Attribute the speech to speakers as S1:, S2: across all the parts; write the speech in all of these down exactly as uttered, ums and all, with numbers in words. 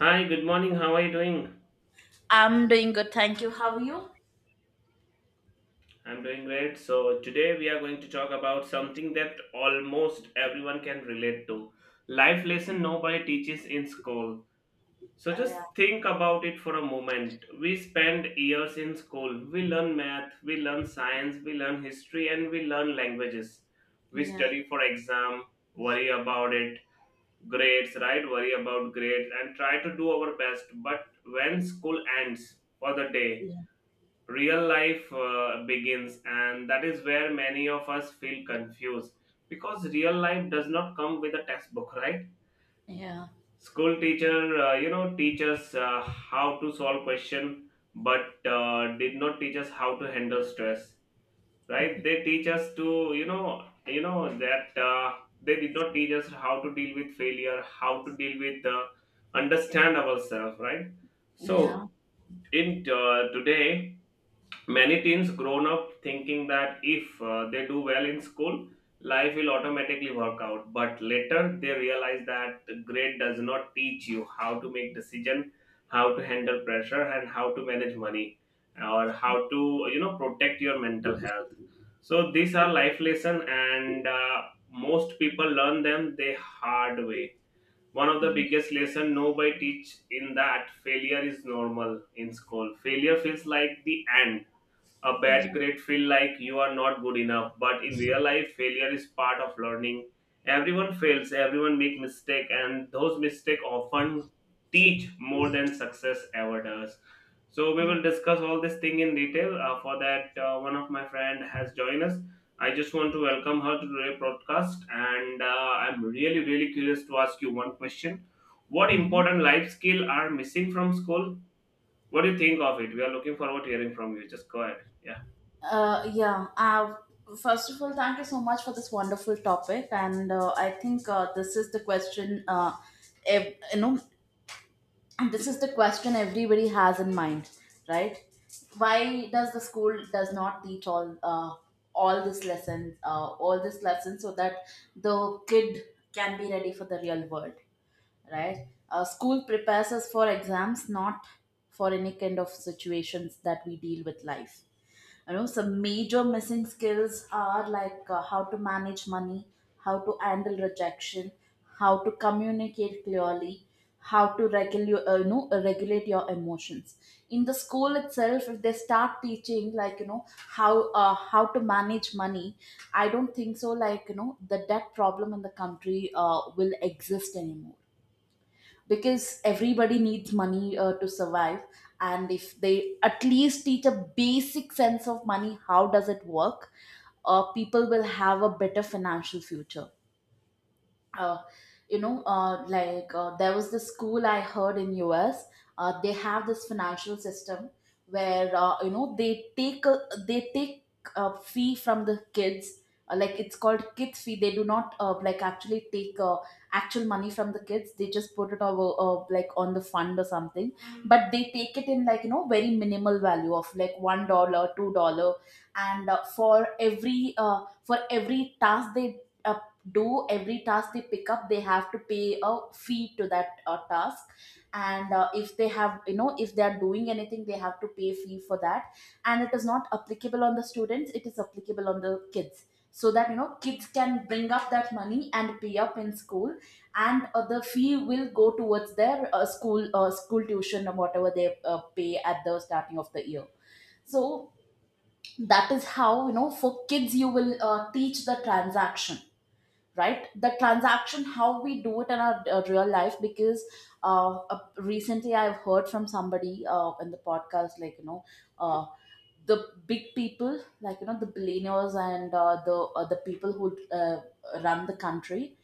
S1: Hi, good morning. How are you doing?
S2: I'm doing good, thank you. How are you?
S1: I'm doing great. So, today we are going to talk about something that almost everyone can relate to life lesson nobody teaches in school. So, just
S2: Uh,
S1: think about it for a moment. We spend years in school. We learn math, we learn science, we learn history, and we learn languages. We
S2: yeah, yeah,
S1: study for exam, worry about it, grades, right? Worry about grades and try to do our best. But when school ends for the day,
S2: yeah,
S1: real life uh, begins and that is where many of us feel confused because real life does not come with a textbook, right?
S2: yeah,
S1: School teacher uh, you know teaches uh, how to solve question, but uh, did not teach us how to handle stress, right? They teach us to you know you know that uh, they did not teach us how to deal with failure, how to deal with uh, understand ourselves, right? So
S2: yeah,
S1: in uh, today many teens grown up thinking that if uh, they do well in school, life will automatically work out. But later they realize that grade does not teach you how to make decision, how to handle pressure, and how to manage money, or how to you know protect your mental health. So these are life lesson, and uh, most people learn them the hard way. One of the
S2: mm,
S1: biggest lesson nobody teach in that failure is normal in school. Failure feels like the end, a bad
S2: yeah.
S1: grade feel like you are not good enough, but in real life, failure is part of learning. Everyone fails, everyone make mistake, and those mistake often teach more than success ever does. So we
S2: yeah.
S1: will discuss all this thing in detail. Uh, for that, uh, one of my friend has joined us. I just want to welcome her to today's broadcast, and uh, I'm really, really curious to ask you one question. What
S2: Mhm.
S1: important life skill are missing from school? What do you think of it? We are looking forward to hearing from you. Just go ahead. Yeah.
S2: Uh, yeah. Uh, First of all, thank you so much for this wonderful topic, and uh, I think uh, this is the question. Uh, ev- you know, this is the question everybody has in mind, right? Why does the school does not teach all uh, all this lessons, uh, all this lessons, so that the kid can be ready for the real world? Right? Uh, school prepares us for exams, not for any kind of situations that we deal with life. You know, some major missing skills are like uh, how to manage money, how to handle rejection, how to communicate clearly, how to regulate, uh, you know, uh, regulate your emotions. In the school itself, if they start teaching like you know how uh, how to manage money, I don't think so. Like you know, the debt problem in the country uh, will exist anymore, because everybody needs money uh, to survive. And if they at least teach a basic sense of money, how does it work, uh, people will have a better financial future. uh, you know, uh, like uh, there was this school I heard in U S. Uh, they have this financial system where uh, you know they take a, they take a fee from the kids. Uh, like it's called kids fee. They do not uh, like actually take uh, actual money from the kids. They just put it over uh, like on the fund or something. But they take it in like you know very minimal value of like one dollar, two dollar, and uh, for every uh, for every task they uh, do every task they pick up, they have to pay a fee to that uh, task. And uh, if they have you know if they are doing anything, they have to pay fee for that, and it is not applicable on the students, it is applicable on the kids, so that you know kids can bring up that money and pay up in school. And uh, the fee will go towards their uh, school uh, school tuition or whatever they uh, pay at the starting of the year. So that is how you know for kids you will uh, teach the transaction, right? The transaction how we do it in our uh, real life. Because uh, uh, recently I've heard from somebody uh, in the podcast, like you know, uh, the big people like you know the billionaires and uh, the uh, the people who uh, run the country,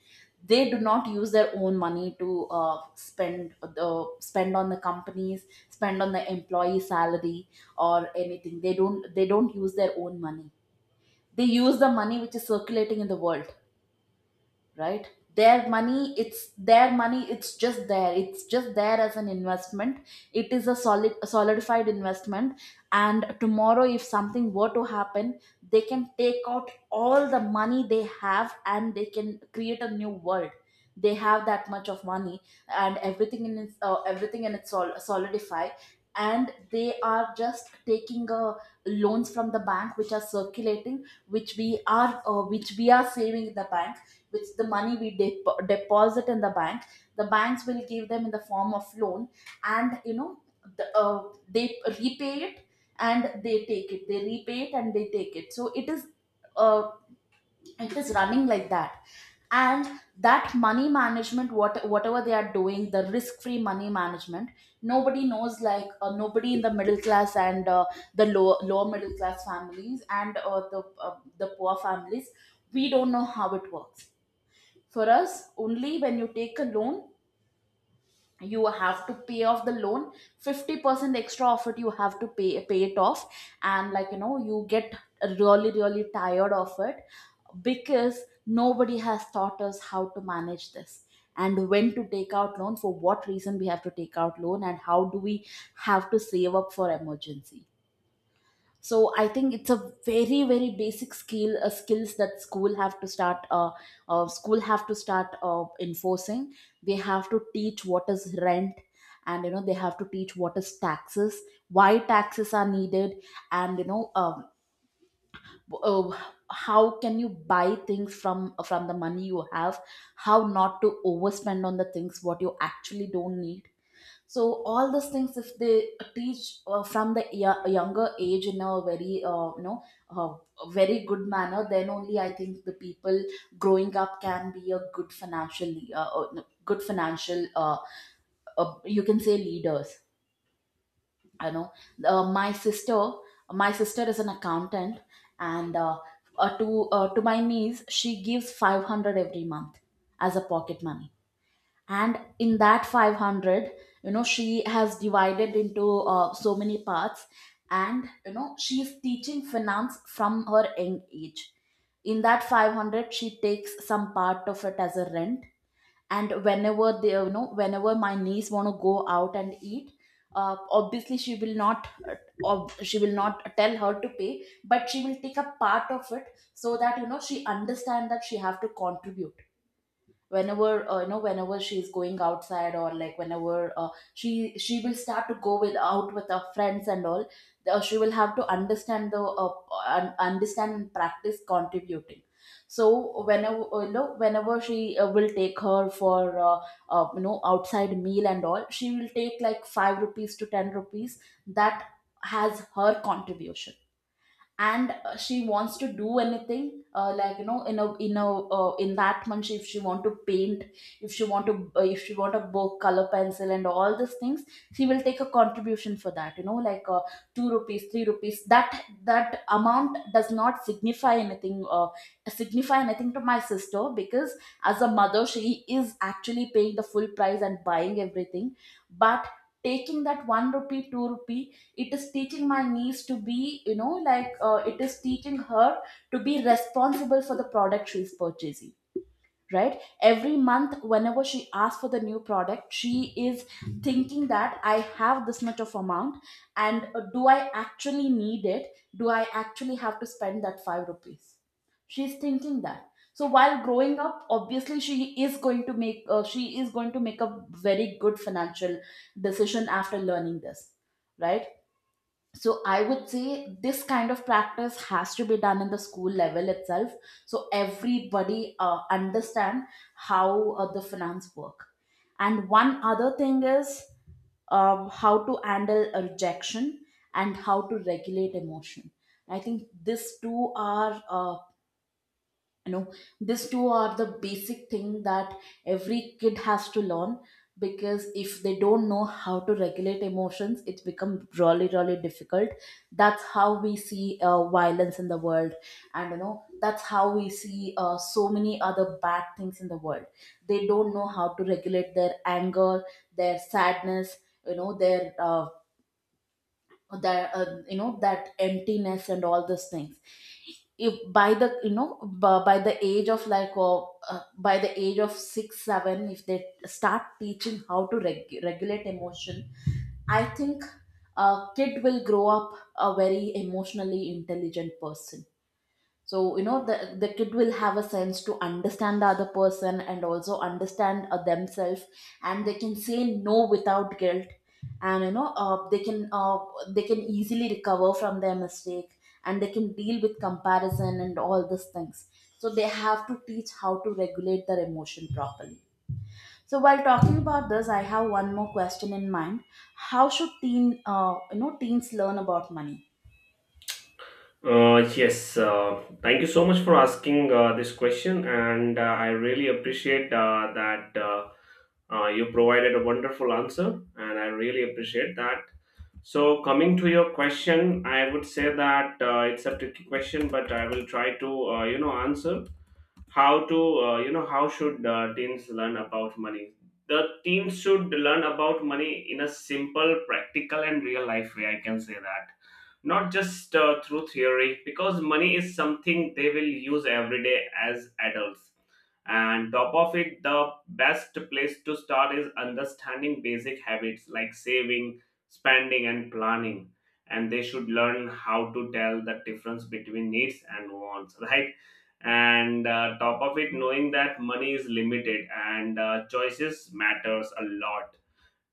S2: they do not use their own money to uh, spend uh, the spend on the companies, spend on the employee salary or anything. They don't they don't use their own money, they use the money which is circulating in the world. Right? Their money, it's their money, it's just there it's just there as an investment. It is a solid a solidified investment. And tomorrow if something were to happen, they can take out all the money they have and they can create a new world. They have that much of money, and everything in its uh, everything in its sol- solidify. And they are just taking uh, loans from the bank, which are circulating, which we are uh, which we are saving in the bank, which the money we dep- deposit in the bank, the banks will give them in the form of loan. And you know the, uh, they repay it, and they take it, they repay it and they take it, so it is uh, it is running like that. And that money management, what whatever they are doing, the risk free money management, nobody knows. Like uh, nobody in the middle class and uh, the low lower middle class families and uh, the uh, the poor families, we don't know how it works. For us, only when you take a loan, you have to pay off the loan, fifty percent extra of it you have to pay pay it off. And like you know you get really really tired of it, because nobody has taught us how to manage this, and when to take out loan, for what reason we have to take out loan, and how do we have to save up for emergency. So I think it's a very very basic skill uh, skills that school have to start uh, uh, school have to start uh, enforcing. They have to teach what is rent, and you know they have to teach what is taxes, why taxes are needed. And you know um, uh, how can you buy things from from the money you have, how not to overspend on the things what you actually don't need. So all those things, if they teach uh, from the yo- younger age in a very uh, you know uh, very good manner, then only I think the people growing up can be a good financial uh, uh, no, good financial uh, uh, you can say leaders, you know. uh, my sister my sister is an accountant, and uh, uh, to uh, to my niece she gives five hundred every month as a pocket money. And in that five hundred, you know, she has divided into uh, so many parts, and you know she is teaching finance from her young age. In that five hundred, she takes some part of it as a rent. And whenever they you know whenever my niece want to go out and eat, uh, obviously she will not uh, ob- she will not tell her to pay, but she will take a part of it, so that you know she understand that she have to contribute. Whenever uh, you know whenever she's going outside, or like whenever uh, she she will start to go with out with her friends and all, uh, she will have to understand the uh, un- understand and practice contributing. So whenever uh, you know whenever she uh, will take her for uh, uh, you know outside meal and all, she will take like five rupees to ten rupees, that has her contribution. And uh, she wants to do anything, uh, like you know, in a in a uh, in that month, if she want to paint, if she want to uh, if she want a book, color pencil and all these things, she will take a contribution for that, you know, like uh, two rupees, three rupees. That that amount does not signify anything uh, signify anything to my sister, because as a mother she is actually paying the full price and buying everything. But taking that one rupee, two rupee, it is teaching my niece to be you know like uh, it is teaching her to be responsible for the product she is purchasing. Right? Every month whenever she asks for the new product, she is thinking that I have this much of amount. And uh, do I actually need it, do I actually have to spend that five rupees, she's thinking that. So while growing up, obviously she is going to make uh, she is going to make a very good financial decision after learning this. Right? So I would say this kind of practice has to be done in the school level itself, so everybody uh, understand how uh, the finance work. And one other thing is, um, how to handle a rejection, and how to regulate emotion. I think these two are uh, you know these two are the basic thing that every kid has to learn. Because if they don't know how to regulate emotions, it's become really really difficult. That's how we see uh, violence in the world, and you know that's how we see uh, so many other bad things in the world. They don't know how to regulate their anger, their sadness, you know, their uh, that uh, you know that emptiness and all these things. If by the you know b- by the age of like uh, uh, by the age of six seven, if they start teaching how to reg- regulate emotion, I think a kid will grow up a very emotionally intelligent person. So you know the the kid will have a sense to understand the other person and also understand uh, themselves, and they can say no without guilt. And you know uh, they can uh, they can easily recover from their mistake, and they can deal with comparison and all these things. So they have to teach how to regulate their emotion properly. So while talking about this, I have one more question in mind. How should teen, uh, you know teens learn about money?
S1: Uh, yes, uh, thank you so much for asking uh, this question, and uh, I really appreciate uh, that uh, uh, you provided a wonderful answer, and I really appreciate that. So, coming to your question, I would say that uh, it's a tricky question, but I will try to uh, you know answer how to uh, you know how should uh, teens learn about money. The teens should learn about money in a simple, practical, and real life way. I can say that, not just uh, through theory, because money is something they will use every day as adults. And top of it, the best place to start is understanding basic habits like saving, spending, and planning. And they should learn how to tell the difference between needs and wants, right? And uh, top of it, knowing that money is limited and uh, choices matters a lot.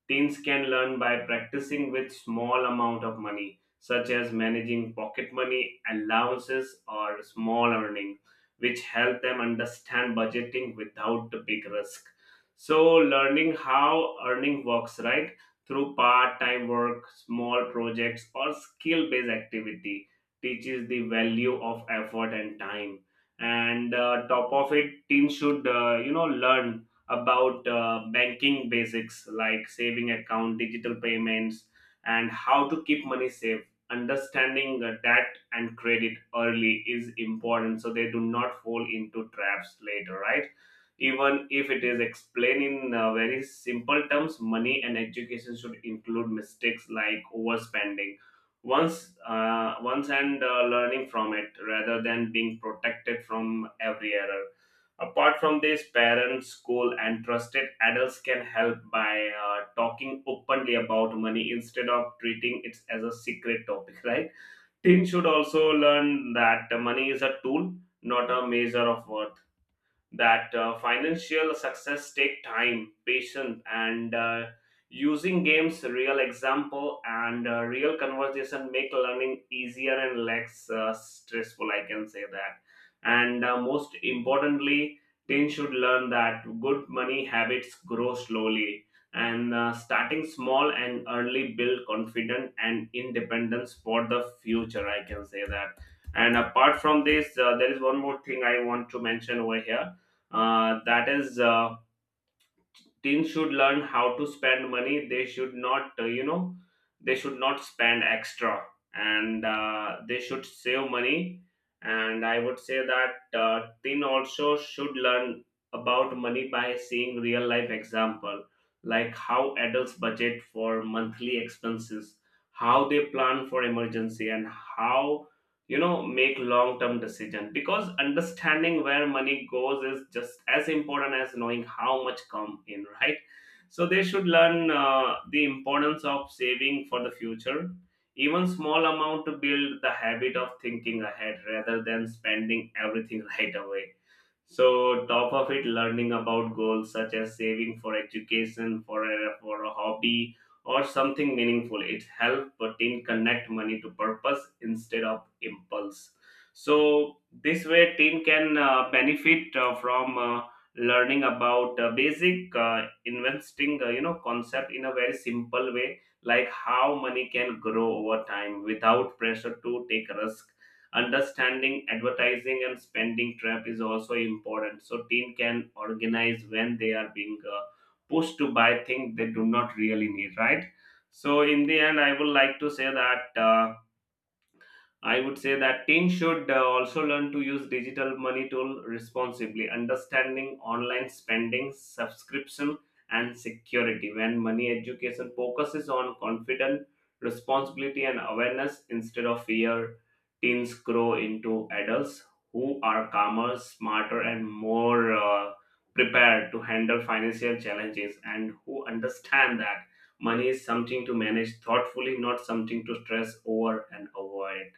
S1: Teens can learn by practicing with small amount of money, such as managing pocket money, allowances, or small earning, which help them understand budgeting without the big risk. So, learning how earning works, right? Through part-time work, small projects, or skill-based activity teaches the value of effort and time. And uh, top of it, teens should uh, you know learn about uh, banking basics like saving account, digital payments, and how to keep money safe. Understanding uh, debt and credit early is important so they do not fall into traps later, right? Even if it is explained in uh, very simple terms, money and education should include mistakes like overspending once uh, once and uh, learning from it rather than being protected from every error. Apart from this, parents, school, and trusted adults can help by uh, talking openly about money instead of treating it as a secret topic, right? Teens should also learn that money is a tool, not a measure of worth, that uh, financial success take time, patience, and uh, using games, real example, and uh, real conversation make learning easier and less uh, stressful, I can say that. And uh, most importantly, teens should learn that good money habits grow slowly, and uh, starting small and early build confidence and independence for the future, I can say that. And apart from this, uh, there is one more thing I want to mention over here, uh, that is, uh, teens should learn how to spend money. They should not uh, you know they should not spend extra, and uh, they should save money. And I would say that uh, teen also should learn about money by seeing real life example, like how adults budget for monthly expenses, how they plan for emergency, and how you know make long term decision, because understanding where money goes is just as important as knowing how much come in, right? So they should learn uh, the importance of saving for the future, even small amount, to build the habit of thinking ahead rather than spending everything right away. So top of it, learning about goals such as saving for education, for a for a hobby or something meaningful. It helps a teen connect money to purpose instead of impulse. So this way, teen can uh, benefit uh, from uh, learning about uh, basic uh, investing, uh, you know, concept in a very simple way, like how money can grow over time without pressure to take risk. Understanding advertising and spending trap is also important. So teen can organize when they are being uh, pushed to buy things they do not really need, right? So in the end, I would like to say that uh, I would say that teens should uh, also learn to use digital money tool responsibly, understanding online spending, subscription, and security. When money education focuses on confidence, responsibility, and awareness instead of fear, teens grow into adults who are calmer, smarter, and more uh, prepared to handle financial challenges and who understand that money is something to manage thoughtfully, not something to stress over and avoid.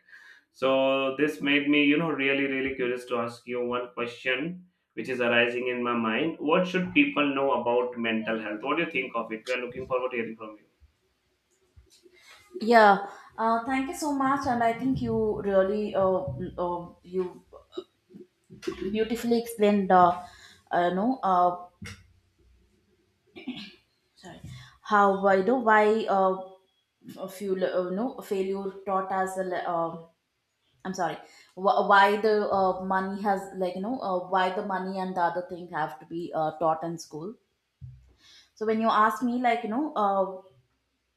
S1: So this made me, you know, really, really curious to ask you one question which is arising in my mind. What should people know about mental health? What do you think of it? We are looking forward to hearing from you.
S2: Yeah, uh, thank you so much, and I think you really uh, mm, uh, you beautifully explained, uh, uh, you know uh, sorry, how why do why uh, a few uh, no failure taught us a le- uh, I'm sorry, wh- why the uh, money has like you know uh, Why the money and the other thing have to be uh, taught in school. So when you ask me, like, you know uh,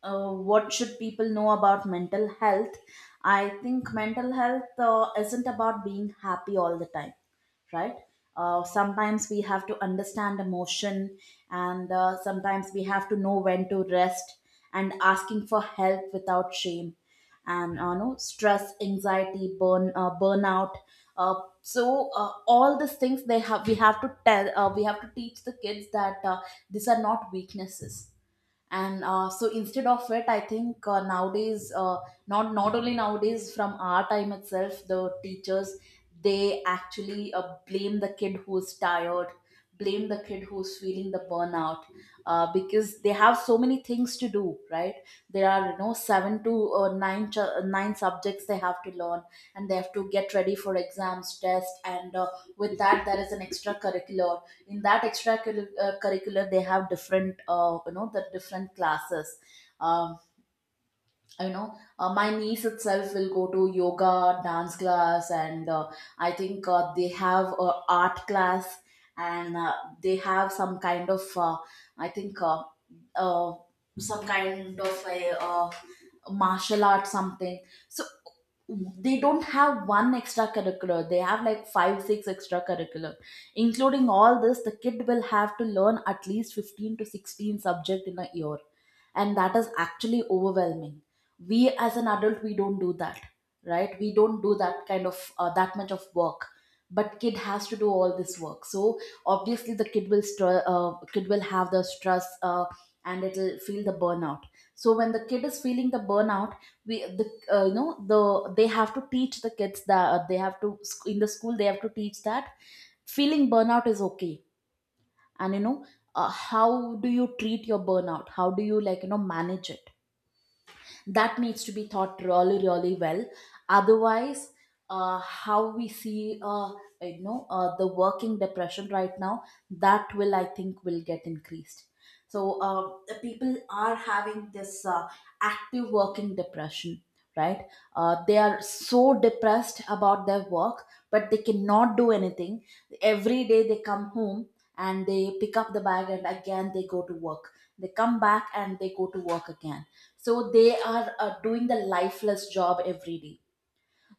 S2: uh, what should people know about mental health? I think mental health uh, isn't about being happy all the time, right? Uh, sometimes we have to understand emotion, and uh, sometimes we have to know when to rest, and asking for help without shame, and uh, no stress, anxiety, burn uh, burnout. Uh, so uh, all these things they have we have to tell uh, we have to teach the kids that, uh, these are not weaknesses. And uh, so instead of it, I think uh, nowadays, uh, not not only nowadays, from our time itself, the teachers, they actually uh, blame the kid who's tired, blame the kid who's feeling the burnout, uh, because they have so many things to do, right? There are, you know seven to uh, nine ch- nine subjects they have to learn, and they have to get ready for exams, test, and uh, with that there is an extracurricular. In that extracurricular uh, curricular, they have different, uh, you know the different classes. um, you know uh, my niece itself will go to yoga dance class, and uh, I think uh, they have a art class, and uh, they have some kind of uh, I think uh, uh, some kind of a uh, martial art something. So they don't have one extracurricular, they have like five six extracurricular. Including all this, the kid will have to learn at least fifteen to sixteen subject in a year, and that is actually overwhelming. We as an adult, we don't do that, right? We don't do that kind of uh, that much of work, but kid has to do all this work. So obviously the kid will str- uh, kid will have the stress, uh, and it'll feel the burnout. So when the kid is feeling the burnout, we the uh, you know the they have to teach the kids that, uh, they have to, in the school they have to teach that feeling burnout is okay. And you know uh, how do you treat your burnout, how do you, like you know manage it? That needs to be thought really, really well. Otherwise, uh, how we see, uh, you know uh, the working depression right now, that will, I think, will get increased. So, uh, the people are having this uh, active working depression, right? Uh, they are so depressed about their work, but they cannot do anything. Every day they come home, and they pick up the bag and again they go to work. They come back and they go to work again. So they are uh, doing the lifeless job every day.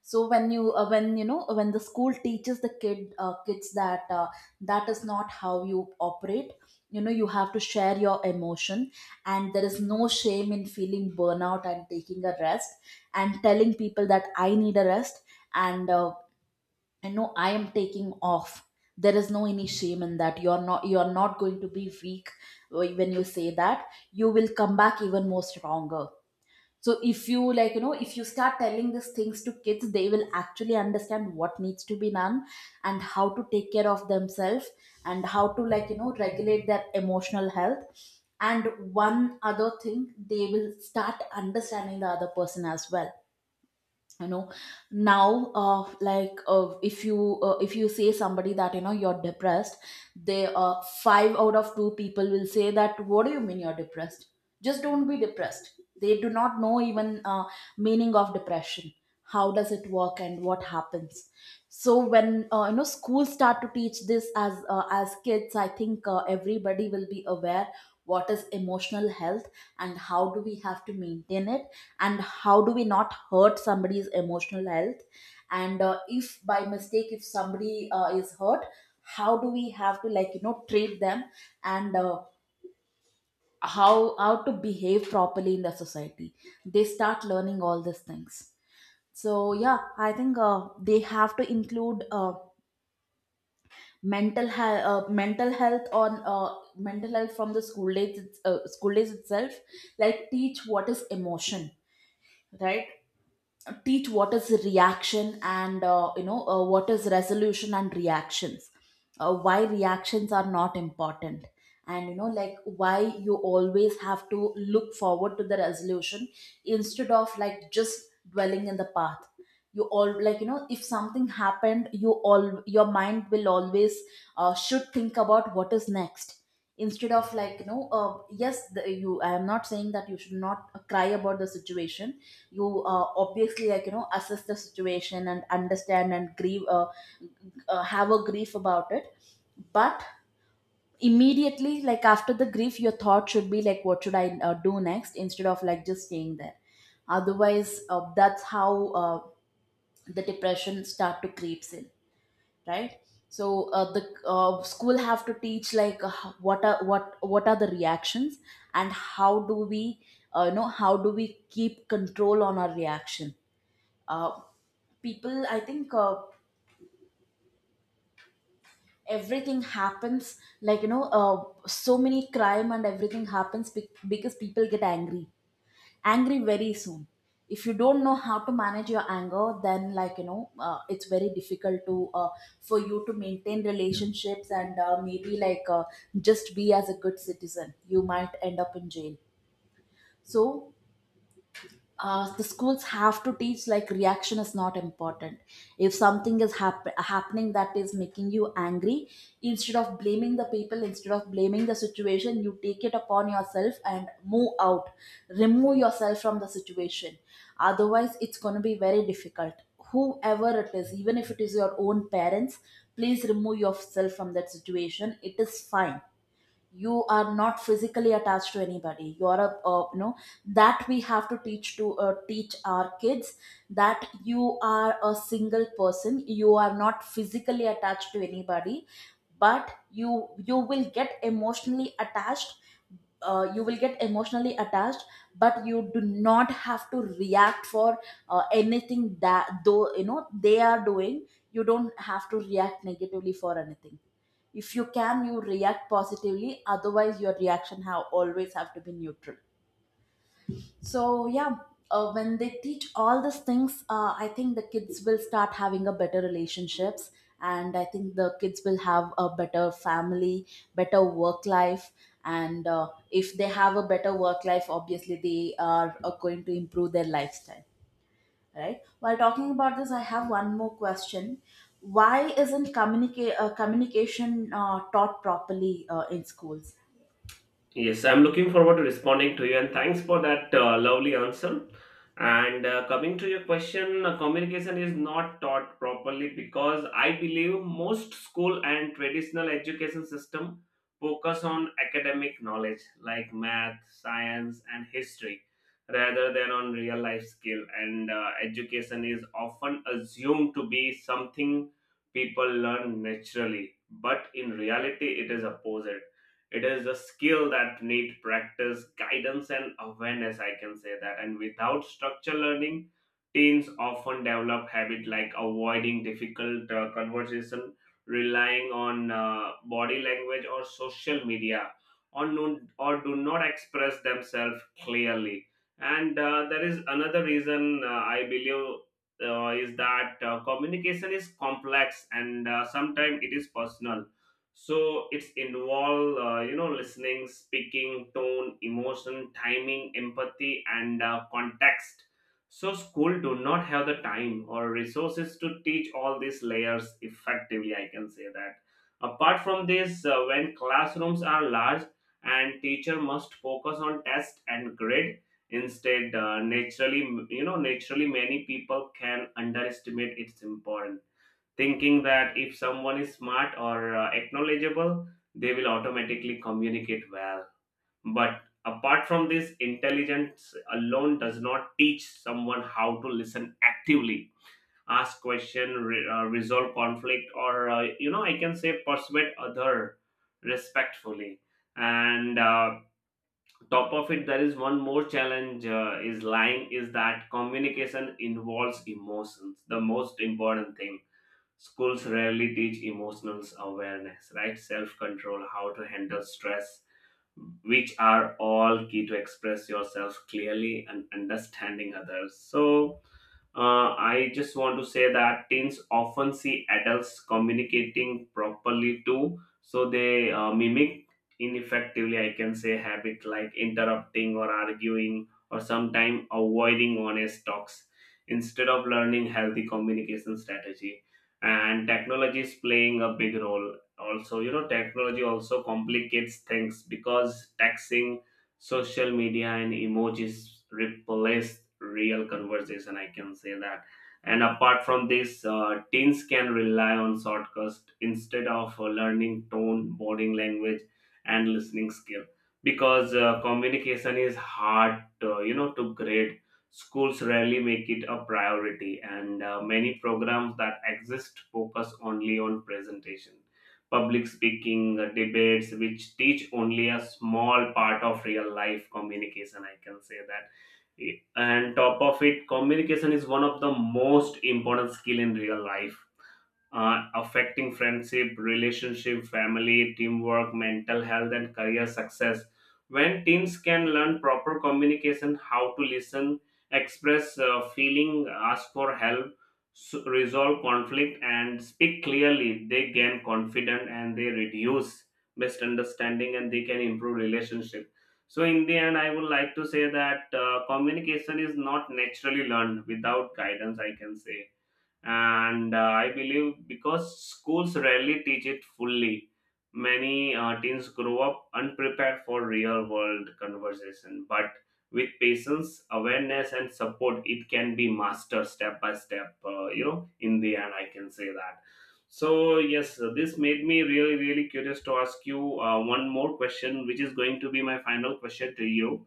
S2: So when you uh, when you know when the school teaches the kid uh, kids that, uh, that is not how you operate. You know you have to share your emotion, and there is no shame in feeling burnout and taking a rest, and telling people that I need a rest, and uh, I know I am taking off, there is no any shame in that. You're not you're not going to be weak uh, when you say that, you will come back even more stronger. So if you, like you know if you start telling these things to kids, they will actually understand what needs to be done, and how to take care of themselves, and how to, like you know regulate their emotional health, and one other thing, they will start understanding the other person as well. you know Now uh, like uh, if you uh, if you say somebody that, you know you're depressed, they uh, five out of two people will say that, what do you mean you're depressed? Just don't be depressed. They do not know even uh, meaning of depression, how does it work and what happens. So when, uh, you know schools start to teach this as uh, as kids, I think uh, everybody will be aware what is emotional health, and how do we have to maintain it, and how do we not hurt somebody's emotional health. And uh, if by mistake if somebody uh, is hurt, how do we have to, like you know treat them? And uh, how how to behave properly in the society. They start learning all these things. So yeah, I think uh, they have to include uh, mental he- uh, mental health on, uh, mental health from the school days it's- uh, school days itself. Like teach what is emotion, right? Teach what is reaction, and uh, you know uh, what is resolution and reactions. Uh, why reactions are not important, and, you know like, why you always have to look forward to the resolution, instead of, like, just dwelling in the path. You all, like you know if something happened, you all your mind will always uh, should think about what is next, instead of, like you know uh, yes, the, you I am not saying that you should not cry about the situation. You uh, Obviously, like you know assess the situation and understand and grieve, uh, uh, have a grief about it. But immediately, like after the grief, your thought should be like, what should I uh, do next, instead of, like, just staying there. Otherwise, uh, that's how uh, the depression start to creeps in, right? So uh, the uh, school have to teach, like uh, ho- what are what what are the reactions, and how do we, uh, you know how do we keep control on our reaction. uh, People, I think uh, everything happens, like you know uh, so many crime and everything happens be- because people get angry, angry very soon. If you don't know how to manage your anger, then, like you know uh, it's very difficult to, uh, for you to maintain relationships, and uh, maybe, like uh, just be as a good citizen, you might end up in jail. So, uh, the schools have to teach, like reaction is not important. If something is hap- happening that is making you angry, instead of blaming the people, instead of blaming the situation, you take it upon yourself and move out. Remove yourself from the situation, otherwise it's going to be very difficult. Whoever it is, even if it is your own parents, please remove yourself from that situation. It is fine. You are not physically attached to anybody. You are a, uh, you know that we have to teach to uh, teach our kids that you are a single person. You are not physically attached to anybody, but you you will get emotionally attached. Uh, you will get emotionally attached, but you do not have to react for uh, anything that though, you know they are doing. You don't have to react negatively for anything. If you can, you react positively. Otherwise your reaction have always have to be neutral. So yeah, uh, when they teach all these things, uh, I think the kids will start having a better relationships, and I think the kids will have a better family, better work life. And uh, if they have a better work life, obviously they are uh, going to improve their lifestyle, right? While talking about this, I have one more question. Why isn't communica- uh, communication uh, taught properly uh, in schools?
S1: Yes, I'm looking forward to responding to you, and thanks for that uh, lovely answer. And uh, coming to your question, uh, communication is not taught properly because I believe most school and traditional education system focus on academic knowledge like math, science, and history rather than on real life skill. And uh, education is often assumed to be something people learn naturally, but in reality, it is opposite. It is a skill that need practice, guidance, and awareness, I can say that. And without structure learning, teens often develop habit like avoiding difficult uh, conversation, relying on uh, body language or social media, or, no, or do not express themselves clearly. And uh, there is another reason, uh, I believe, uh, is that uh, communication is complex and uh, sometimes it is personal. So it's involve uh, you know listening, speaking, tone, emotion, timing, empathy, and uh, context. So school do not have the time or resources to teach all these layers effectively, I can say that. Apart from this, uh, when classrooms are large and teacher must focus on test and grade instead, uh, naturally, you know naturally many people can underestimate its importance, thinking that if someone is smart or uh, acknowledgeable, they will automatically communicate well. But apart from this, intelligence alone does not teach someone how to listen actively, ask question, re- uh, resolve conflict, or uh, you know, I can say, persuade other respectfully. And uh, top of it, there is one more challenge, uh, is lying is that communication involves emotions, the most important thing. Schools rarely teach emotional awareness, right? Self control, how to handle stress, which are all key to express yourself clearly and understanding others. So, uh, I just want to say that teens often see adults communicating properly too, so they uh, mimic ineffectively, I can say, habit like interrupting or arguing or sometimes avoiding honest talks instead of learning healthy communication strategy. And technology is playing a big role also. You know, technology also complicates things because texting, social media, and emojis replace real conversation, I can say that. And apart from this, uh, teens can rely on shortcuts instead of uh, learning tone, body language, and listening skill. Because uh, communication is hard, uh, you know to grade, schools rarely make it a priority, and uh, many programs that exist focus only on presentation, public speaking, uh, debates, which teach only a small part of real life communication. I can say that. Eh, And top of it, communication is one of the most important skill in real life, uh, affecting friendship, relationship, family, teamwork, mental health, and career success. When teens can learn proper communication, how to listen, express uh, feeling, ask for help, s- resolve conflict, and speak clearly, they gain confidence and they reduce misunderstanding and they can improve relationship. So in the end, I would like to say that uh, communication is not naturally learned without guidance, I can say. And uh, I believe because schools rarely teach it fully, many uh, teens grow up unprepared for real world conversation, but with patience, awareness, and support, it can be mastered step by step, uh, you know in the end, I can say that. So yes, this made me really, really curious to ask you uh, one more question which is going to be my final question to you.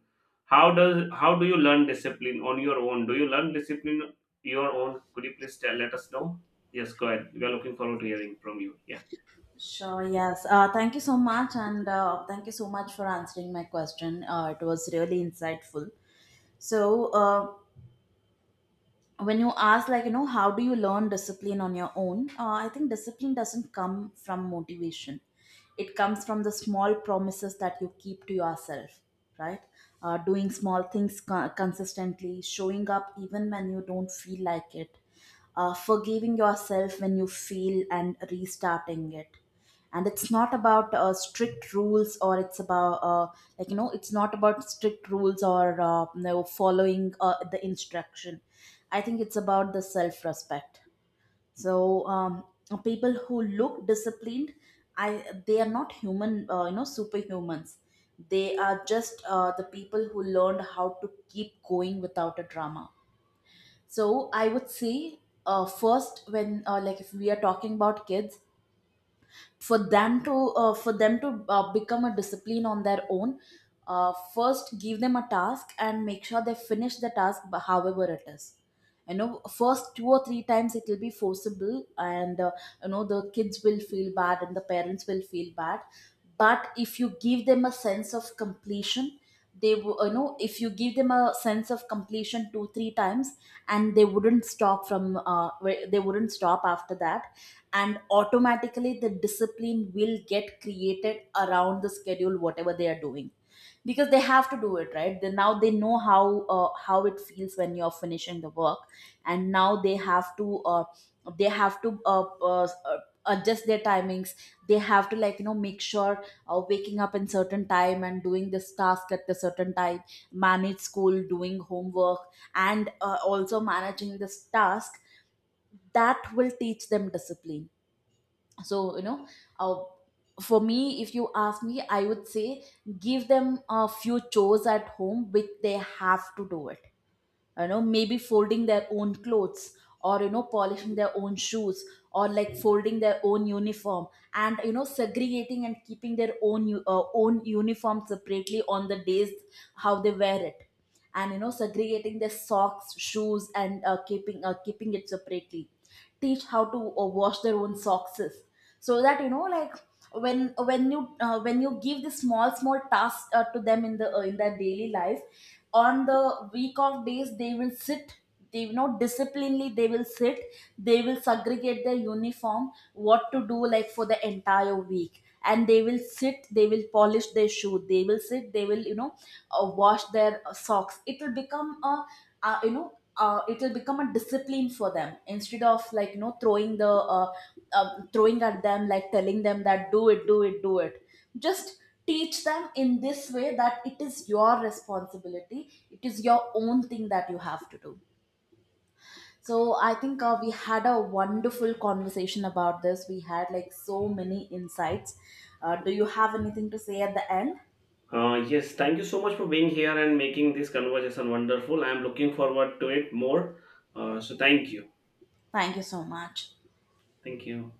S1: How does how do you learn discipline on your own? Do you learn discipline your own? Could you please tell, let us know? Yes, go ahead. We are looking forward to hearing from you. Yeah.
S2: Sure, yes. Uh, thank you so much, and uh, thank you so much for answering my question. Uh, it was really insightful. So uh, when you ask, like you know how do you learn discipline on your own, uh, I think discipline doesn't come from motivation, it comes from the small promises that you keep to yourself, right? Uh, doing small things co- consistently, showing up even when you don't feel like it, uh, forgiving yourself when you feel and restarting it. And it's not about uh, strict rules, or it's about, uh, like you know it's not about strict rules, or uh, you know, following uh, the instruction. I think it's about the self respect. So um, people who look disciplined, I they are not human, uh, you know superhumans. They are just uh, the people who learned how to keep going without a drama. So I would say, uh, first, when, uh, like, if we are talking about kids, for them to uh, for them to uh, become a discipline on their own, uh, first give them a task and make sure they finish the task, b- however it is. You know first two or three times it will be forcible, and uh, you know the kids will feel bad and the parents will feel bad. But if you give them a sense of completion, they wo- you know if you give them a sense of completion two three times, and they wouldn't stop from uh, where- they wouldn't stop after that. And automatically the discipline will get created around the schedule, whatever they are doing. Because they have to do it, right? They, now they know how uh, how it feels when you're finishing the work. And now they have to, uh, they have to uh, uh, uh, adjust their timings. They have to, like you know make sure uh, waking up in certain time and doing this task at the certain time, manage school, doing homework, and uh, also managing this task. That will teach them discipline. So, you know uh, for me, if you ask me, I would say, give them a few chores at home which they have to do it. You know maybe folding their own clothes, or, you know polishing their own shoes, or like folding their own uniform, and, you know segregating and keeping their own u- uh, own uniform separately on the days how they wear it, and, you know segregating their socks, shoes, and uh, keeping uh, keeping it separately. Teach how to uh, wash their own socks, so that, you know like, when when you uh, when you give the small small tasks uh, to them in the uh, in their daily life, on the week of days they will sit. They, you know disciplinely they will sit, they will segregate their uniform what to do like for the entire week, and they will sit, they will polish their shoe, they will sit, they will, you know uh, wash their uh, socks. It will become a, uh, you know uh, it will become a discipline for them, instead of, like you know throwing the uh, um, throwing at them, like telling them that do it do it do it. Just teach them in this way that it is your responsibility, it is your own thing that you have to do. So I think uh, we had a wonderful conversation about this, we had like so many insights. Uh, do you have anything to say at the end?
S1: Uh, yes, thank you so much for being here and making this conversation wonderful. I am looking forward to it more. Uh, so, thank you.
S2: Thank you so much.
S1: Thank you.